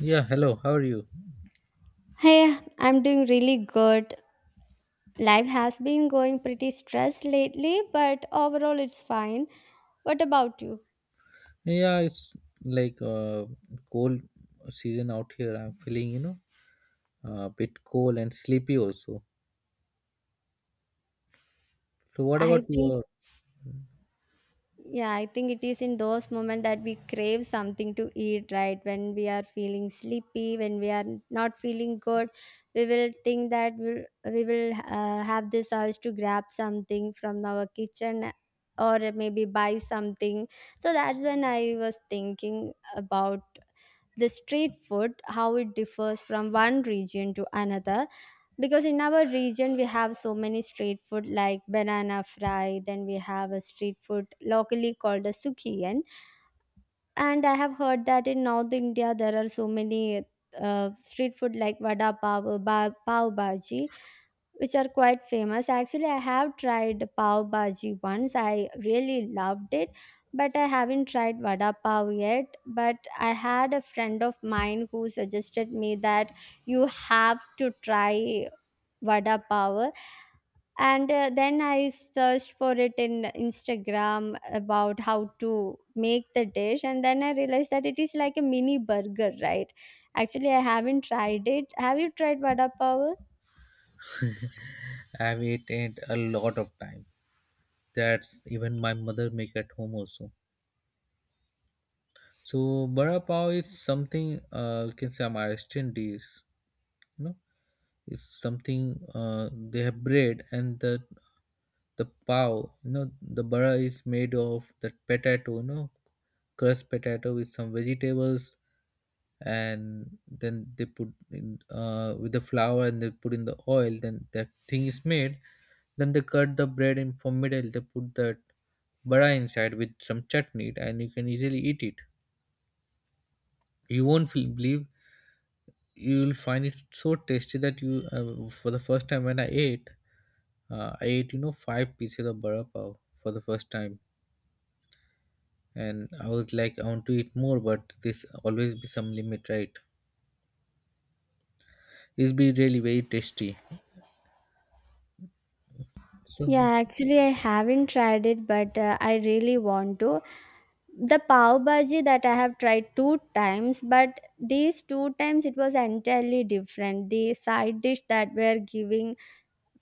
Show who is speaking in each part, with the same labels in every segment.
Speaker 1: Yeah, hello. How are you?
Speaker 2: Hey, I'm doing really good. Life has been going pretty stressed lately, but overall it's fine. What about you?
Speaker 1: Yeah, it's like cold season out here. I'm feeling, a bit cold and sleepy also. So what
Speaker 2: I
Speaker 1: about
Speaker 2: think
Speaker 1: your
Speaker 2: Yeah, I think it is in those moments that we crave something to eat, right? When we are feeling sleepy, when we are not feeling good, we will think that we will have this urge to grab something from our kitchen or maybe buy something. So that's when I was thinking about the street food, how it differs from one region to another, because in our region we have so many street food like banana fry, then we have a street food locally called a sukiyan, and I have heard that in North India there are so many street food like vada pav, pav bhaji, which are quite famous. Actually, I have tried pav bhaji once. I really loved it, but I haven't tried vada pav yet. But I had a friend of mine who suggested me that you have to try vada pav, and then I searched for it in Instagram about how to make the dish, and then I realized that it is like a mini burger, right? Actually, I haven't tried it. Have you tried vada pav?
Speaker 1: I've eaten a lot of time. That's even my mother make at home also. So vada pav is something you can say I'm Maharashtrian dish, you know. It's something they have bread and the pav, you know, the bara is made of that potato, you know, crushed potato with some vegetables, and then they put in with the flour and they put in the oil, then that thing is made. Then they cut the bread in from middle, they put that bara inside with some chutney and you can easily eat it. You won't feel, believe you will find it so tasty that you for the first time when I ate I ate, you know, five pieces of bara pav for the first time, and I was like, I want to eat more, but this always be some limit, right? It's be really very tasty. So
Speaker 2: Yeah, actually, I haven't tried it, but I really want to. The pav bhaji that I have tried two times, but these two times it was entirely different. The side dish that were giving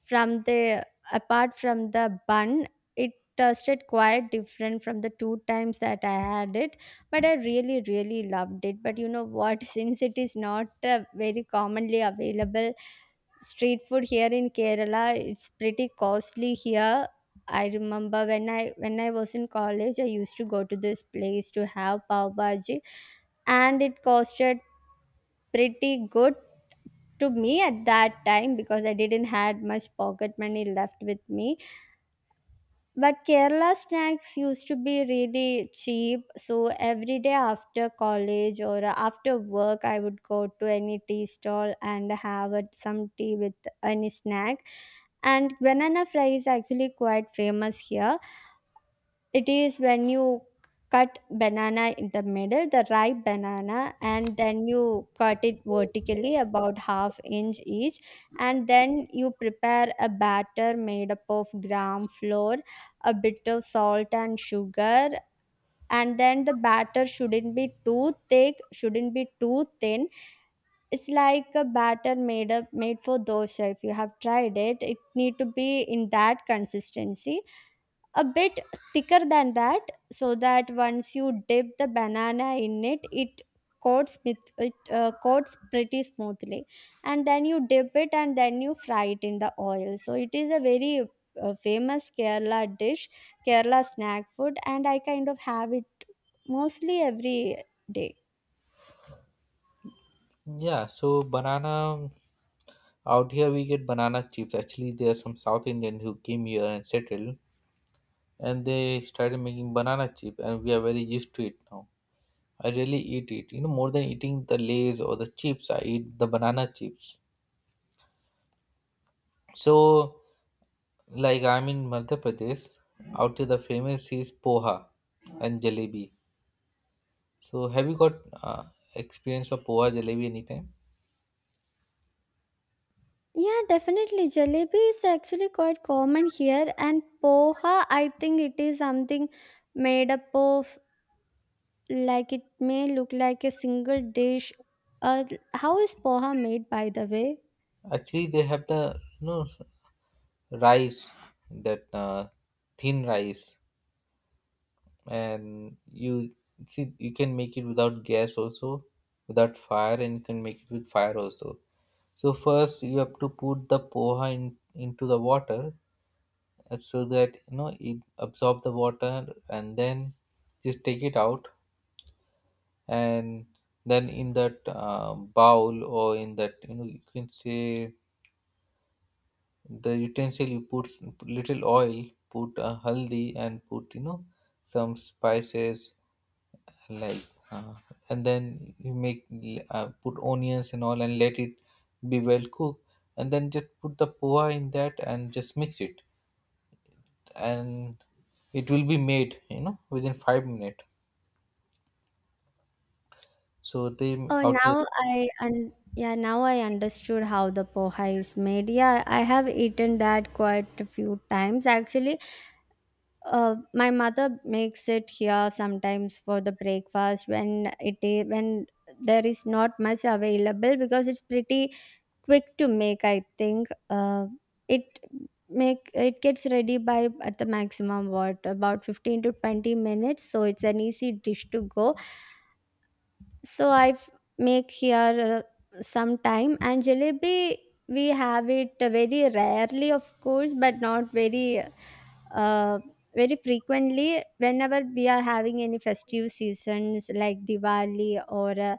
Speaker 2: from the, apart from the bun, it tasted quite different from the two times that I had it. But I really, really loved it. But you know what? Since it is not very commonly available street food here in Kerala, it's pretty costly here. I remember when I was in college, I used to go to this place to have pav bhaji, and it costed pretty good to me at that time because I didn't had much pocket money left with me, but Kerala snacks used to be really cheap. So every day after college or after work, I would go to any tea stall and have some tea with any snack. And banana fry is actually quite famous here. It is when you cut banana in the middle, the ripe banana, and then you cut it vertically about half inch each, and then you prepare a batter made up of gram flour, a bit of salt and sugar, and then the batter shouldn't be too thick, shouldn't be too thin. It's like a batter made for dosha. If you have tried it, it need to be in that consistency, a bit thicker than that, so that once you dip the banana in it coats with it, coats pretty smoothly, and then you dip it and then you fry it in the oil. So it is a very famous Kerala dish, Kerala snack food, and I kind of have it mostly every day.
Speaker 1: yeah, so banana out here we get banana chips. Actually, there are some South Indian who came here and settled, and they started making banana chip, and we are very used to it now. I really eat it. You know, more than eating the lays or the chips, I eat the banana chips. So like I'm in Madhya Pradesh, out here the famous is poha and jalebi. So have you got uh, experience of poha jalebi anytime?
Speaker 2: Yeah, definitely. Jalebi is actually quite common here, and poha, I think it is something made up of, like, it may look like a single dish. Uh, how is poha made, by the way?
Speaker 1: Actually, they have the, you know, rice, that thin rice, and you see you can make it without gas also, without fire, and you can make it with fire also. So first you have to put the poha in into the water so that you know it absorb the water and then just take it out, and then in that bowl or in that, you know, you can say the utensil, you put put little oil, put haldi and put, you know, some spices like uh, and then you make put onions and all and let it be well cooked, and then just put the poha in that and just mix it, and it will be made, you know, within 5 minutes. So they
Speaker 2: Oh,
Speaker 1: out here
Speaker 2: now yeah, now I understood how the poha is made. Yeah, I have eaten that quite a few times actually. My mother makes it here sometimes for the breakfast when it is, when there is not much available because it's pretty quick to make. I think it it gets ready by at the maximum what, about 15 to 20 minutes, so it's an easy dish to go. So I make here some time, and jalebi we have it very rarely, of course, but not uh, very frequently. Whenever we are having any festive seasons like Diwali or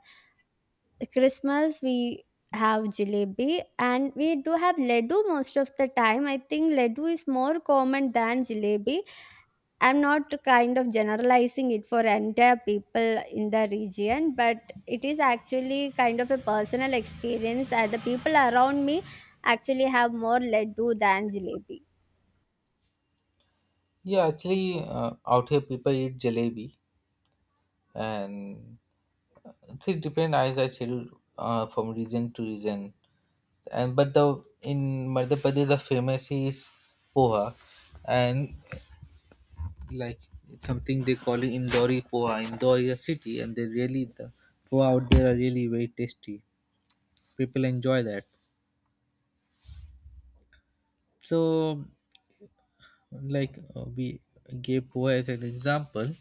Speaker 2: Christmas, we have jalebi, and we do have laddu most of the time. I think laddu is more common than jalebi. I'm not kind of generalizing it for entire people in the region, but it is actually kind of a personal experience that the people around me actually have more laddu than jalebi.
Speaker 1: yeah actually out here people eat jalebi, and it's- it depend, as I said, from region to region. And but the in Madhya Pradesh the famous is poha, and like it's something they call it indori poha. Indore is a city and they really the poha out there are really very tasty, people enjoy that. So we gave poa as an example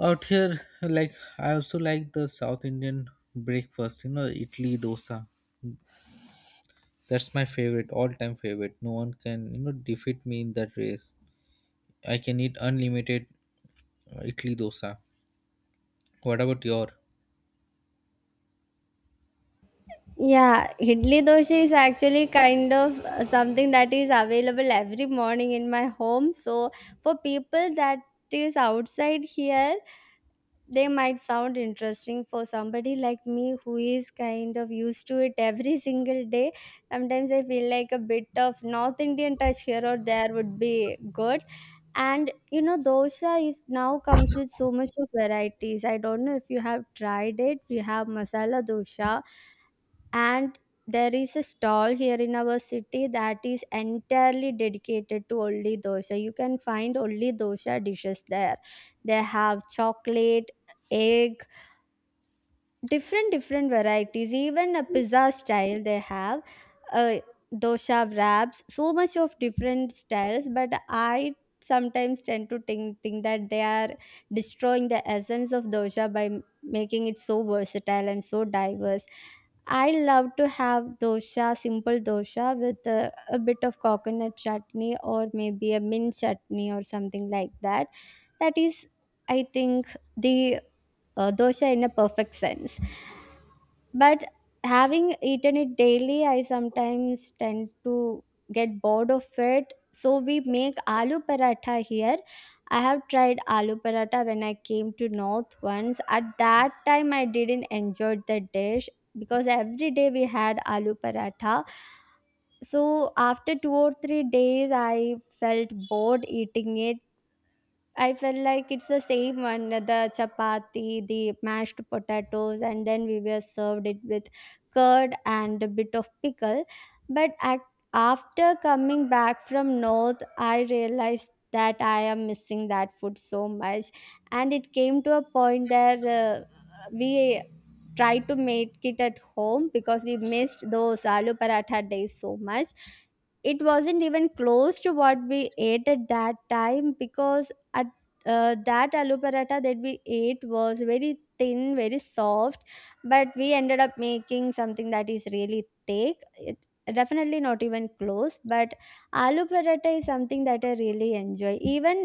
Speaker 1: out here. Like I also like the South Indian breakfast, you know, idli dosa. That's my favorite, all time favorite, no one can, you know, defeat me in that race. I can eat unlimited idli dosa. What about your
Speaker 2: Yeah, idli dosa is actually kind of something that is available every morning in my home. So for people that is outside here, they might sound interesting. For somebody like me who is kind of used to it every single day, sometimes I feel like a bit of North Indian touch here or there would be good. And you know, dosa is now comes with so much of varieties. I don't know if you have tried it. We have masala dosa, and there is a stall here in our city that is entirely dedicated to only dosha. You can find only dosha dishes there. They have chocolate, egg, different different varieties, even a pizza style they have, uh, dosha wraps, so much of different styles. But I sometimes tend to think that they are destroying the essence of dosha by making it so versatile and so diverse. I love to have dosha, simple dosha with a bit of coconut chutney or maybe a mint chutney or something like that. That is, I think, the dosha in a perfect sense. But having eaten it daily, I sometimes tend to get bored of it. So we make aloo paratha here. I have tried aloo paratha when I came to North once. At that time, I didn't enjoy the dish because every day we had aloo paratha. So after 2 or 3 days, I felt bored eating it. I felt like it's the same one, the chapati, the mashed potatoes, and then we were served it with curd and a bit of pickle. But ac after coming back from North, I realized that I am missing that food so much. And it came to a point there we tried to make it at home because we missed those aloo paratha days so much. It wasn't even close to what we ate at that time because that aloo paratha that we ate was very thin, very soft, but we ended up making something that is really thick. It, definitely not even close, but aloo paratha is something that I really enjoy. Even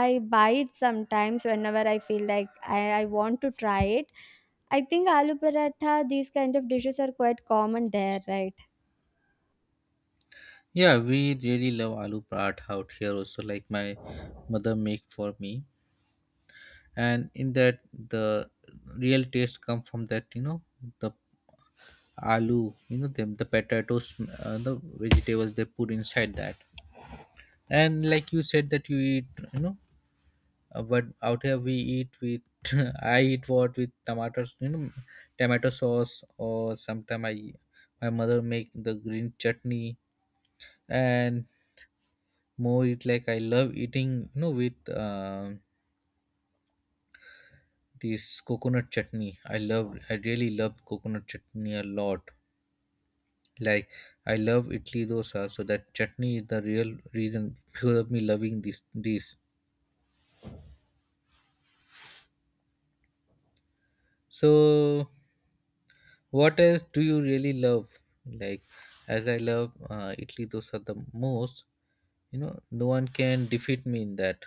Speaker 2: I buy it sometimes whenever I feel like I want to try it. I think aloo paratha, these kind of dishes are quite common there, right?
Speaker 1: yeah, we really love aloo paratha out here also. Like my mother make for me, and in that the real taste come from that, you know, the aloo, you know them, the potatoes, the vegetables they put inside that. And like you said that you eat, you know, but out here we eat with I eat what with tomatoes, you know, tomato sauce, or sometimes I my mother make the green chutney, and more it like I love eating, you know, with this coconut chutney. I love, I really love coconut chutney a lot. Like I love Italy dosa, so that chutney is the real reason because of me loving this. So what else do you really love? Like as I love Italy dosa the most, you know, no one can defeat me in that.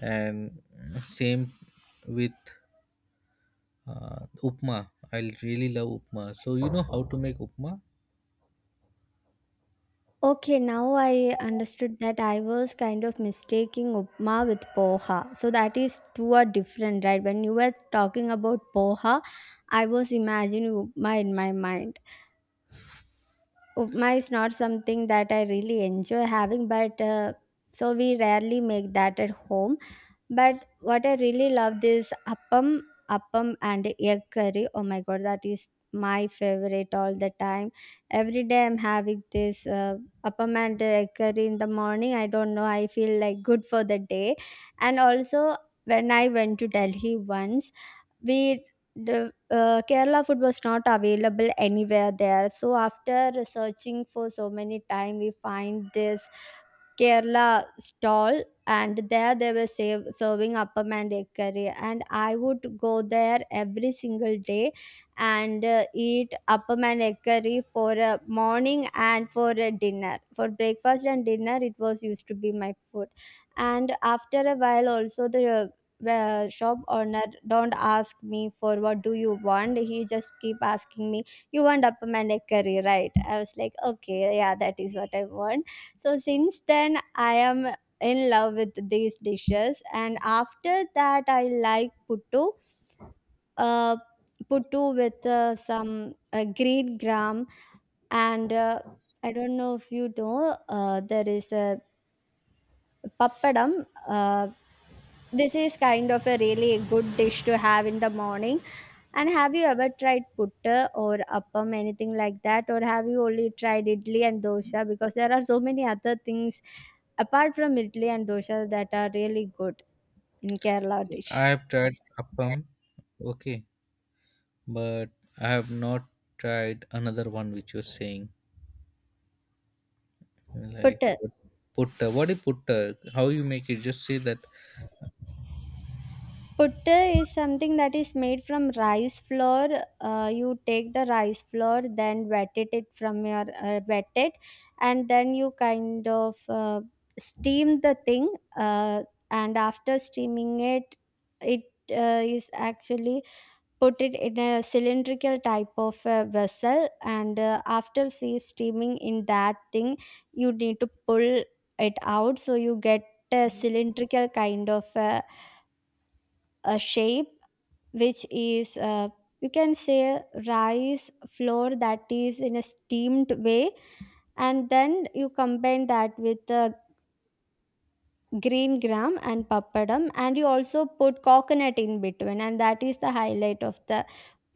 Speaker 1: And same with upma. I really love upma. So you know how to make upma?
Speaker 2: Okay, now I understood that I was kind of mistaking upma with poha. So that is, two are different, right? When you were talking about poha, I was imagining upma in my mind. Upma is not something that I really enjoy having, but so we rarely make that at home. But what I really love is appam, appam and egg curry. Oh my god, that is my favorite all the time. Every day I'm having this appam and egg curry in the morning. I don't know, I feel like good for the day. And also, when I went to Delhi once, we, Kerala food was not available anywhere there. So after searching for so many time, we find this Kerala stall, and there they were save, serving appam and egg curry. And I would go there every single day and eat appam and egg curry for a morning and for a dinner. For breakfast and dinner, it was used to be my food. And after a while, also the shop owner don't ask me for what do you want. He just keep asking me, you want upper curry, right? I was like, okay, yeah, that is what I want. So since then, I am in love with these dishes. And after that, I like uh puttu with some green gram, and I don't know if you know, there is a Pappadam, this is kind of a really good dish to have in the morning. And have you ever tried putta or appam, anything like that? Or have you only tried idli and dosa? Because there are so many other things apart from idli and dosa that are really good in Kerala
Speaker 1: I
Speaker 2: dish.
Speaker 1: have tried appam, okay, but I have not tried another one which you're saying. Like
Speaker 2: Putta.
Speaker 1: what put what if put how you make it, just say that.
Speaker 2: Putta is something that is made from rice flour. You take the rice flour, then wet it, it from your wet it, and then you kind of steam the thing. And after steaming it, it is actually put it in a cylindrical type of a vessel. And after see steaming in that thing, you need to pull it out, so you get a cylindrical kind of a shape which is, you can say, rice flour that is in a steamed way. And then you combine that with the green gram and papadam, and you also put coconut in between, and that is the highlight of the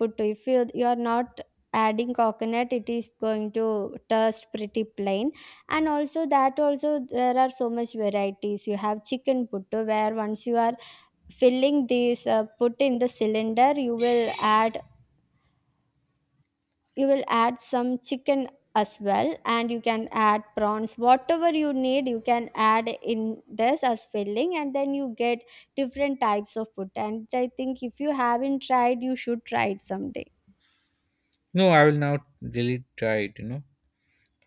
Speaker 2: puttu. If you are not adding coconut, it is going to taste pretty plain. And also, that also there are so much varieties. You have chicken puttu, where once you are filling this, put in the cylinder, add you will add some chicken as well. And you can add prawns, whatever you need, you can add in this as filling, and then you get different types of food. And I think if you haven't tried, you should try it someday.
Speaker 1: No, I will now really try it, you know.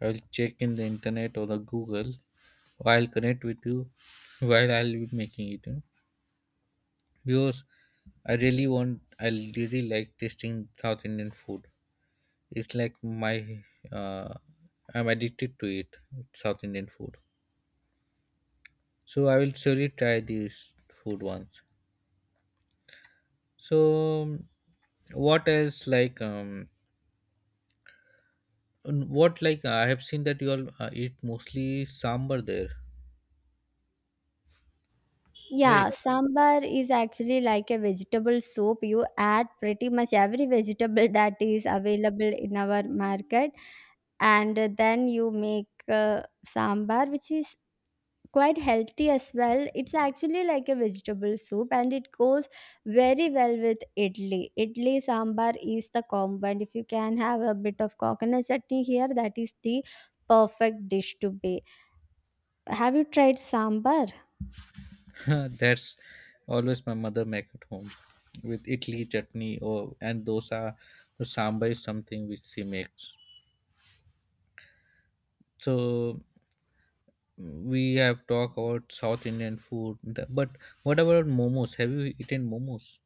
Speaker 1: I will check in the internet or the google, I'll connect with you while I'll be making it, you know, because I really want, I really like tasting South Indian food. It's like my uh I'm addicted to it, South Indian food. So I will surely try this food once. So what else, and what like I have seen that you all eat mostly sambar there, right?
Speaker 2: Yeah, sambar is actually like a vegetable soup. You add pretty much every vegetable that is available in our market, and then you make, uh, sambar, which is quite healthy as well. It's actually like a vegetable soup, and it goes very well with idli. Idli sambar is the combo, and if you can have a bit of coconut chutney here, that is the perfect dish to be. Have you tried sambar?
Speaker 1: That's always my mother make at home with idli chutney or and dosa. The sambar is something which she makes. So we have talked about South Indian food, but what about momos? Have you eaten momos?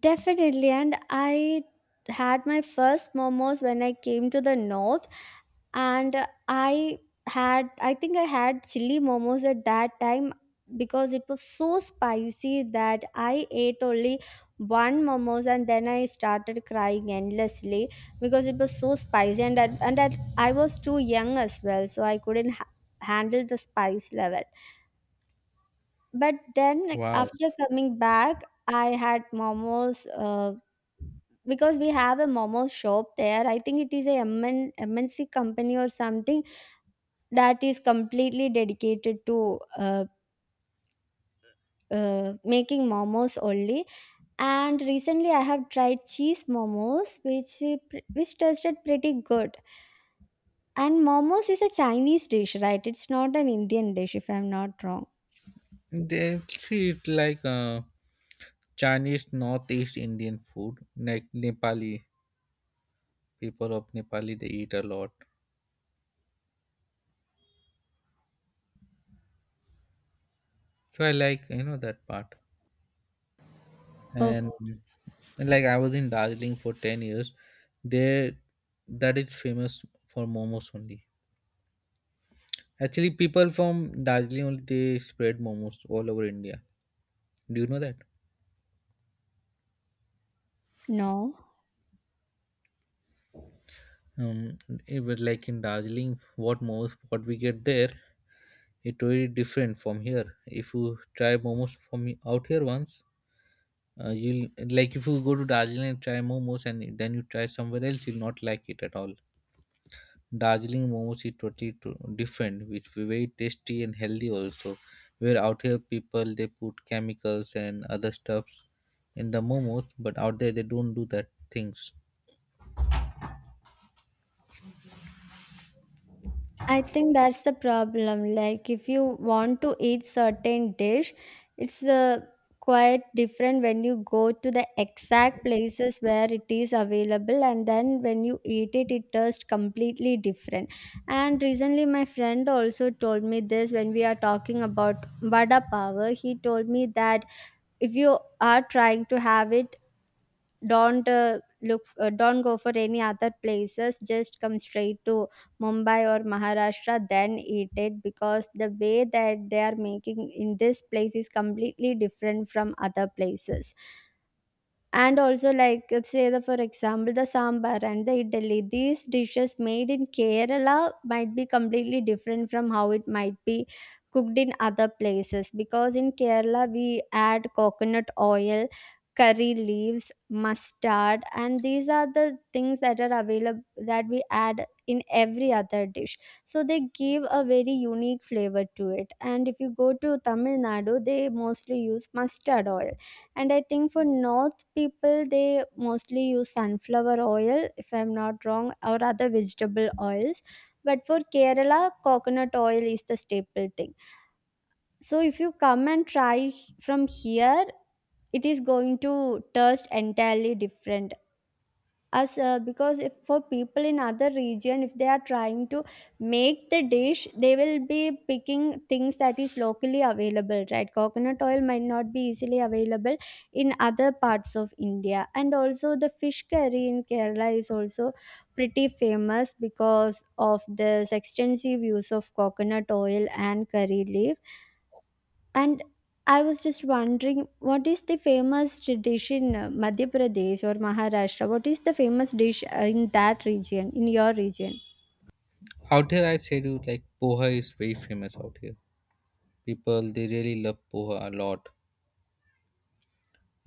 Speaker 2: Definitely, and I had my first momos when I came to the north. And I had I think I had chili momos at that time, because it was so spicy that I ate only one momos, and then I started crying endlessly because it was so spicy. And that I was too young as well, so I couldn't handle the spice level. But then, like,
Speaker 1: Wow,
Speaker 2: after coming back, I had momos, because we have a momos shop there. I think it is a MNMNC company or something that is completely dedicated to making momos only. And recently I have tried cheese momos, which which tasted pretty good. And momos is a Chinese dish, right? It's not an Indian dish, if I'm not wrong.
Speaker 1: they see it's like Chinese Northeast Indian food, like Nepali, people of Nepali they eat a lot. So I like, you know, that part, and
Speaker 2: Oh
Speaker 1: like I was in Darjeeling for 10 years. There, that is famous for momos only. Actually, people from Darjeeling only they spread momos all over India. Do you know that?
Speaker 2: no.
Speaker 1: Um, it was like in Darjeeling, what momos what we get there, it very different from here. If you try momos out here once, you'll like if you go to Darjeeling and try momos, and then you try somewhere else, you'll not like it at all. Darjeeling momos is totally different, which be very tasty and healthy also. Where out here people they put chemicals and other stuffs in the momos, but out there they don't do that things.
Speaker 2: I think that's the problem. Like, if you want to eat certain dish, it's quite different when you go to the exact places where it is available, and then when you eat it, it tastes completely different. And recently, my friend also told me this when we are talking about vada power. He told me that if you are trying to have it, don't go for any other places. Just come straight to Mumbai or Maharashtra then eat it, because the way that they are making in this place is completely different from other places. And also, like, let's say the for example, the sambar and the idli, these dishes made in Kerala might be completely different from how it might be cooked in other places, because in Kerala we add coconut oil, curry leaves, mustard, and these are the things that are available that we add in every other dish. So they give a very unique flavor to it. And if you go to Tamil Nadu, they mostly use mustard oil. And I think for North people, they mostly use sunflower oil, if I'm not wrong, or other vegetable oils. But for Kerala, coconut oil is the staple thing. So if you come and try from here, it is going to taste entirely different, as, because if for people in other region, if they are trying to make the dish, they will be picking things that is locally available, right? Coconut oil might not be easily available in other parts of India. And also, the fish curry in Kerala is also pretty famous because of this extensive use of coconut oil and curry leaf. And I was just wondering, what is the famous dish in Madhya Pradesh or Maharashtra? What is the famous dish in that region, in your region?
Speaker 1: Out here I said you like poha is very famous out here. People they really love poha a lot.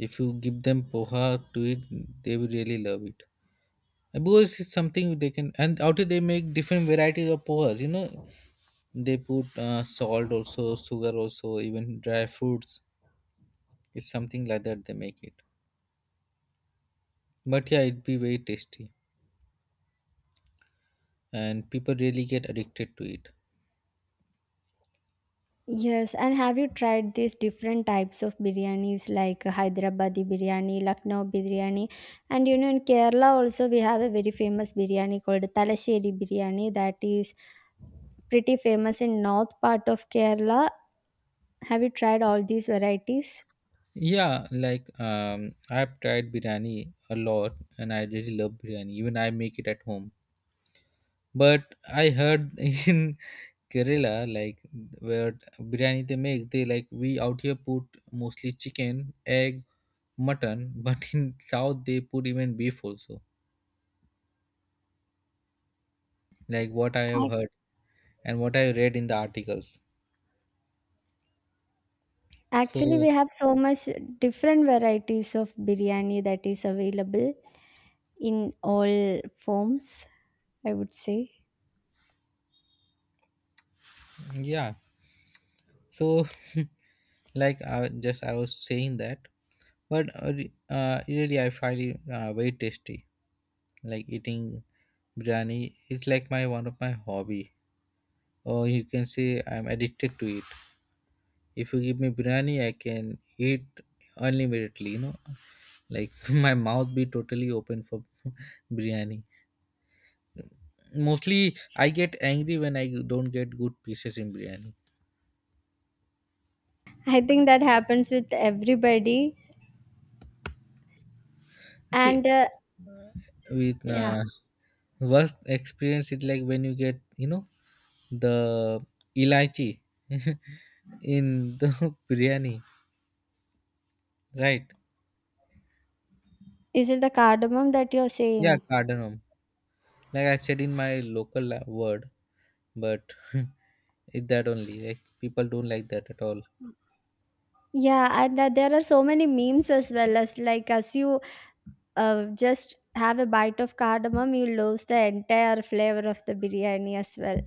Speaker 1: If you give them poha to eat, they will really love it. And because it's something they can, and out here they make different varieties of pohas. You know, they put salt also, sugar also, even dry fruits. It's something like that they make it. But yeah, it'd be very tasty, and people really get addicted to it.
Speaker 2: Yes, and have you tried these different types of biryanis, like Hyderabadi biryani, Lucknow biryani? And you know, in Kerala also we have a very famous biryani called Talasheri biryani, that is pretty famous in north part of Kerala. Have you tried all these varieties?
Speaker 1: Yeah, I've tried biryani a lot, and I really love biryani. Even I make it at home. But I heard in Kerala, like where biryani they make, they like we out here put mostly chicken, egg, mutton, but in South they put even beef also. Like what I have heard and what I read in the articles.
Speaker 2: Actually, we
Speaker 1: So
Speaker 2: have so much different varieties of biryani that is available in all forms, I would say.
Speaker 1: yeah, so like I was saying that, but really I find it very tasty. Like eating biryani, it's like my one of my hobby, or you can say I'm addicted to it. If you give me biryani, I can eat unlimitedly. You know, like my mouth be totally open for biryani. Mostly, I get angry when I don't get good pieces in biryani.
Speaker 2: I think that happens with everybody.
Speaker 1: See
Speaker 2: And
Speaker 1: with
Speaker 2: yeah,
Speaker 1: worst experience is like when you get, you know, the elaichi in the biryani, right?
Speaker 2: is it the cardamom that you're
Speaker 1: Yeah,
Speaker 2: saying?
Speaker 1: cardamom, like I said in my local word, but it that only, like people don't like that at all.
Speaker 2: Yeah, and there are so many memes as well, as like as you just have a bite of cardamom, you lose the entire flavor of the biryani as well.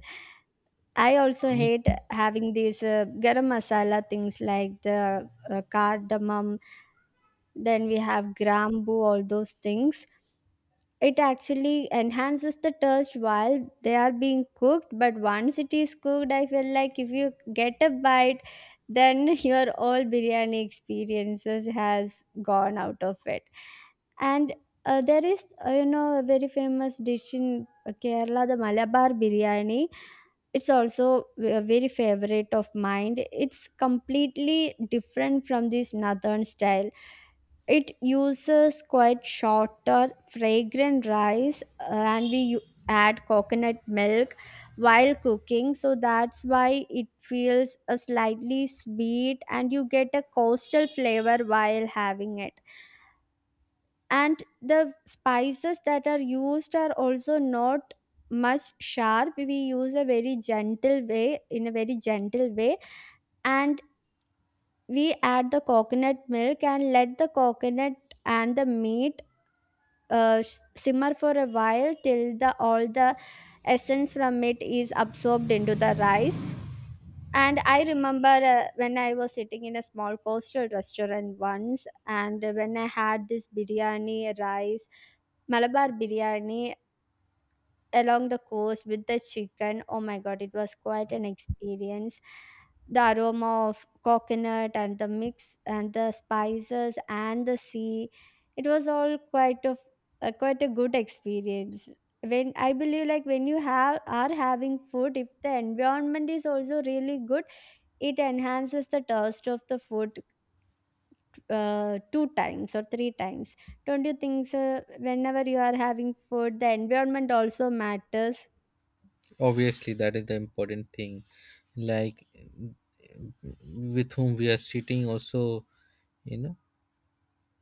Speaker 2: I also hate having these garam masala things, like the cardamom, then we have grambu, all those things. It actually enhances the taste while they are being cooked, but once it is cooked, I feel like if you get a bite, then your all biryani experiences has gone out of it. And there is, you know, a very famous dish in Kerala, the Malabar biryani. It's also a very favorite of mine. It's completely different from this northern style. It uses quite shorter, fragrant rice, and we add coconut milk while cooking. So that's why it feels a slightly sweet, and you get a coastal flavor while having it. And the spices that are used are also not much sharp. We use a very gentle way, In a very gentle way, and we add the coconut milk and let the coconut and the meat simmer for a while till the all the essence from it is absorbed into the rice. And I remember when I was sitting in a small coastal restaurant once and when I had this biryani rice, Malabar biryani, along the coast with the chicken. Oh my god, it was quite an experience. The aroma of coconut and the mix and the spices and the sea. It was all quite of A quite a good experience. When I believe, like, when you have are having food, if the environment is also really good, it enhances the taste of the food two times or three times. Don't you think so? Whenever you are having food, the environment also matters.
Speaker 1: Obviously that is the important thing, like with whom we are sitting also, you know,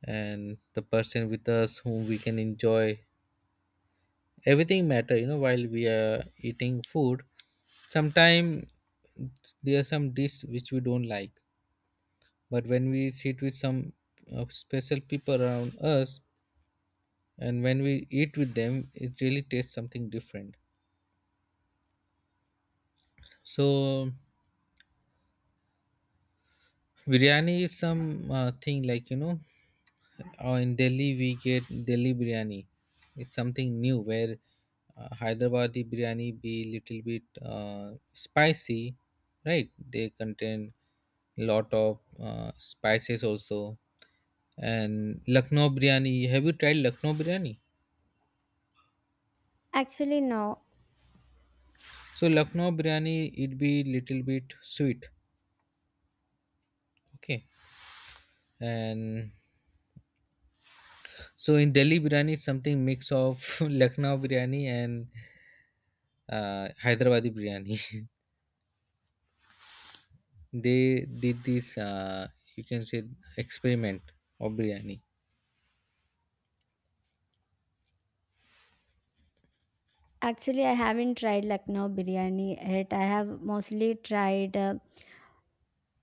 Speaker 1: and the person with us whom we can enjoy, everything matter, you know, while we are eating food. Sometimes there are some dish which we don't like, but when we sit with some special people around us, and when we eat with them it really tastes something different. So biryani is some thing like, you know, or in Delhi, we get Delhi biryani. It's something new where Hyderabadi biryani be little bit spicy, right? They contain lot of spices also. And Lucknow biryani, have you tried Lucknow biryani?
Speaker 2: Actually, no.
Speaker 1: So Lucknow biryani, it be little bit sweet, okay? And so in Delhi biryani, is something mix of Lucknow biryani and Hyderabadi biryani. They did this you can say experiment of biryani.
Speaker 2: Actually, I haven't tried Lucknow biryani yet. I have mostly tried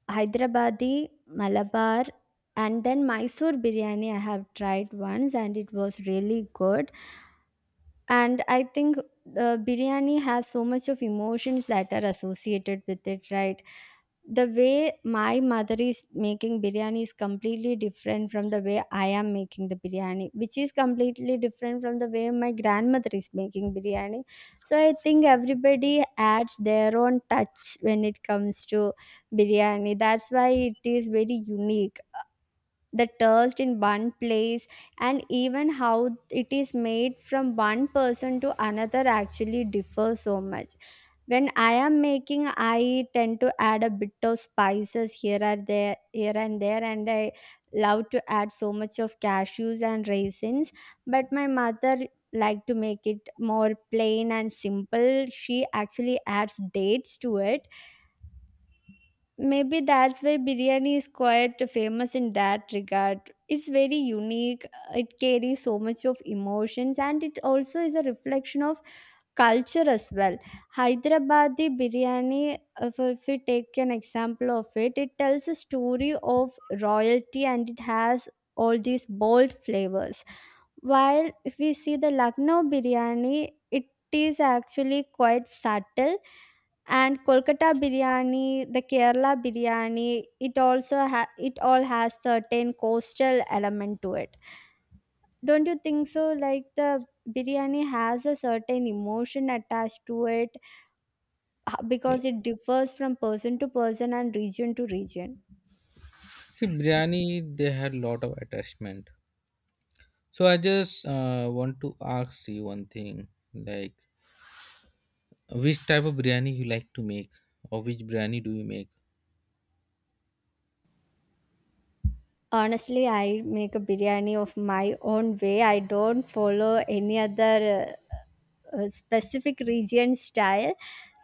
Speaker 2: Hyderabadi, Malabar, and then Mysore biryani. I have tried once, and it was really good. And I think the biryani has so much of emotions that are associated with it, right? The way my mother is making biryani is completely different from the way I am making the biryani, which is completely different from the way my grandmother is making biryani. So I think everybody adds their own touch when it comes to biryani. That's why it is very unique. The taste in one place, and even how it is made from one person to another, actually differs so much. When I am making, I tend to add a bit of spices here or there, here and there, and I love to add so much of cashews and raisins. But my mother liked to make it more plain and simple. She actually adds dates to it. Maybe that's why biryani is quite famous in that regard. It's very unique. It carries so much of emotions, and it also is a reflection of culture as well. Hyderabadi biryani, if we take an example of it, it tells a story of royalty, and it has all these bold flavors. While if we see the Lucknow biryani, it is actually quite subtle. And kolkata biryani, the kerala biryani, it also it all has certain coastal element to it. Don't you think so? Like, the biryani has a certain emotion attached to it,
Speaker 1: Yeah,
Speaker 2: because it differs from person to person and region to region.
Speaker 1: see biryani they had lot of attachment. So I just want to ask you one thing, like which type of biryani you like to make, or which biryani do you make.
Speaker 2: Honestly, I make a biryani of my own way. I don't follow any other specific region style.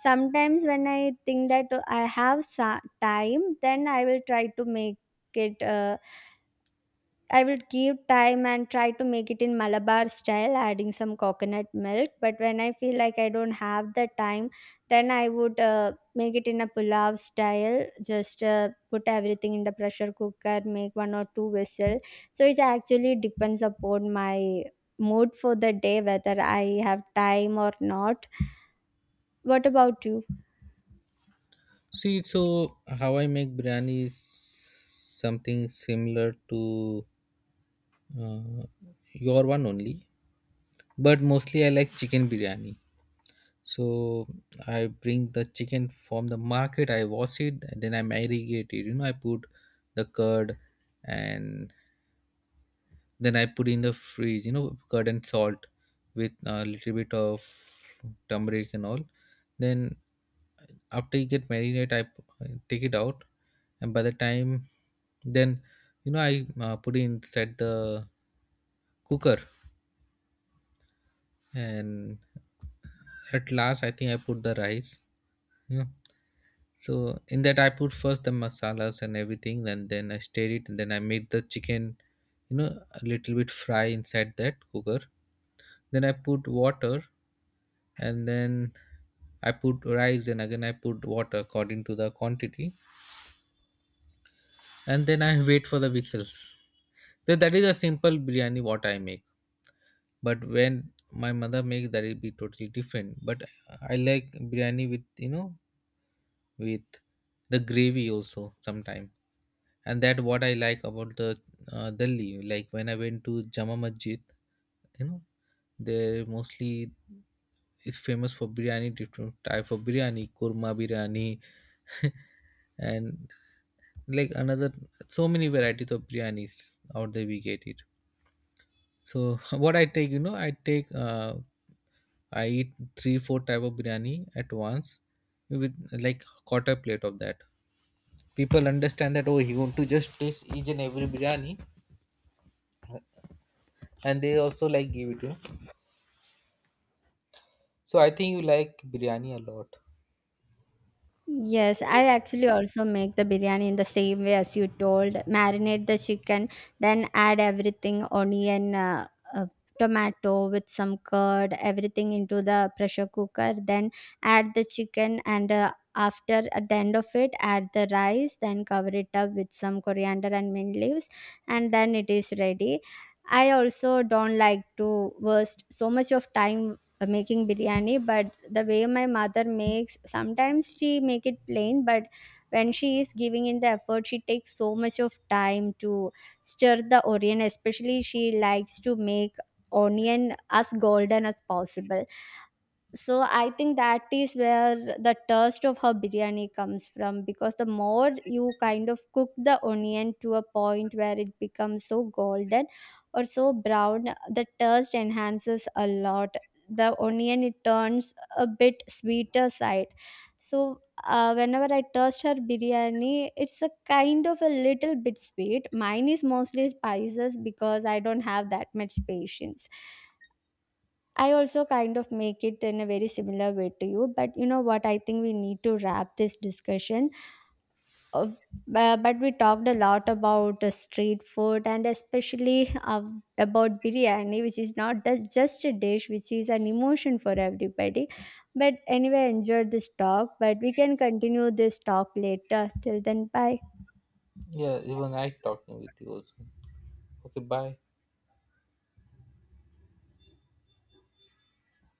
Speaker 2: Sometimes when I think that I have time, then I will try to make it. I will give time and try to make it in Malabar style, adding some coconut milk. But when I feel like I don't have the time, then I would make it in a pulao style. Just put everything in the pressure cooker, make one or two whistle. So it actually depends upon my mood for the day whether I have time or not. What about you?
Speaker 1: See so how I make biryani is something similar to uh, your one only, but mostly I like chicken biryani. So I bring the chicken from the market, I wash it, and then I marinate it. You know, I put the curd, and then I put in the freeze, you know, curd and salt with a little bit of turmeric and all. Then after you get marinate, I take it out, and by the time, then, you know, I put it inside the cooker, and at last, I think I put the rice. Yeah. So in that I put first the masalas and everything and then I stir it and then I made the chicken, you know, a little bit fry inside that cooker. Then I put water, and then I put rice and again I put water according to the quantity, and then I wait for the whistles. So that is a simple biryani what I make. But when my mother makes that it be totally different. But I like biryani with, you know, with the gravy also sometimes. And that what I like about the delhi, like when I went to Jama Masjid, you know, they mostly is famous for biryani, different type of biryani, kurma biryani, and like another so many varieties of biryanis out there we get it. So what I take, you know, I take I eat 3 or 4 type of biryani at once with like quarter plate of that. People understand that, oh, he want to just taste each and every biryani, and they also like give it to you. So I think you like biryani a lot.
Speaker 2: Yes, I actually also make the biryani in the same way as you told. Marinate the chicken, then add everything, onion, uh, tomato, with some curd, everything into the pressure cooker. Then add the chicken, and after at the end of it, add the rice, then cover it up with some coriander and mint leaves, and then it is ready. I also don't like to waste so much of time making biryani. But the way my mother makes, sometimes she make it plain, but when she is giving in the effort, she takes so much of time to stir the onion. Especially, she likes to make onion as golden as possible. So I think that is where the taste of her biryani comes from, because the more you kind of cook the onion to a point where it becomes so golden or so brown, the taste enhances a lot. The onion it turns a bit sweeter side. So whenever I taste her biryani, it's a kind of a little bit sweet. Mine is mostly spices because I don't have that much patience. I also kind of make it in a very similar way to you. But you know what? I think we need to wrap this discussion. Uh, but we talked a lot about street food, and especially about biryani, which is not the- just a dish, which is an emotion for everybody. But anyway, I enjoyed this talk, but we can continue this talk later. Till then, bye.
Speaker 1: Yeah, even I talking with you also. Okay, bye.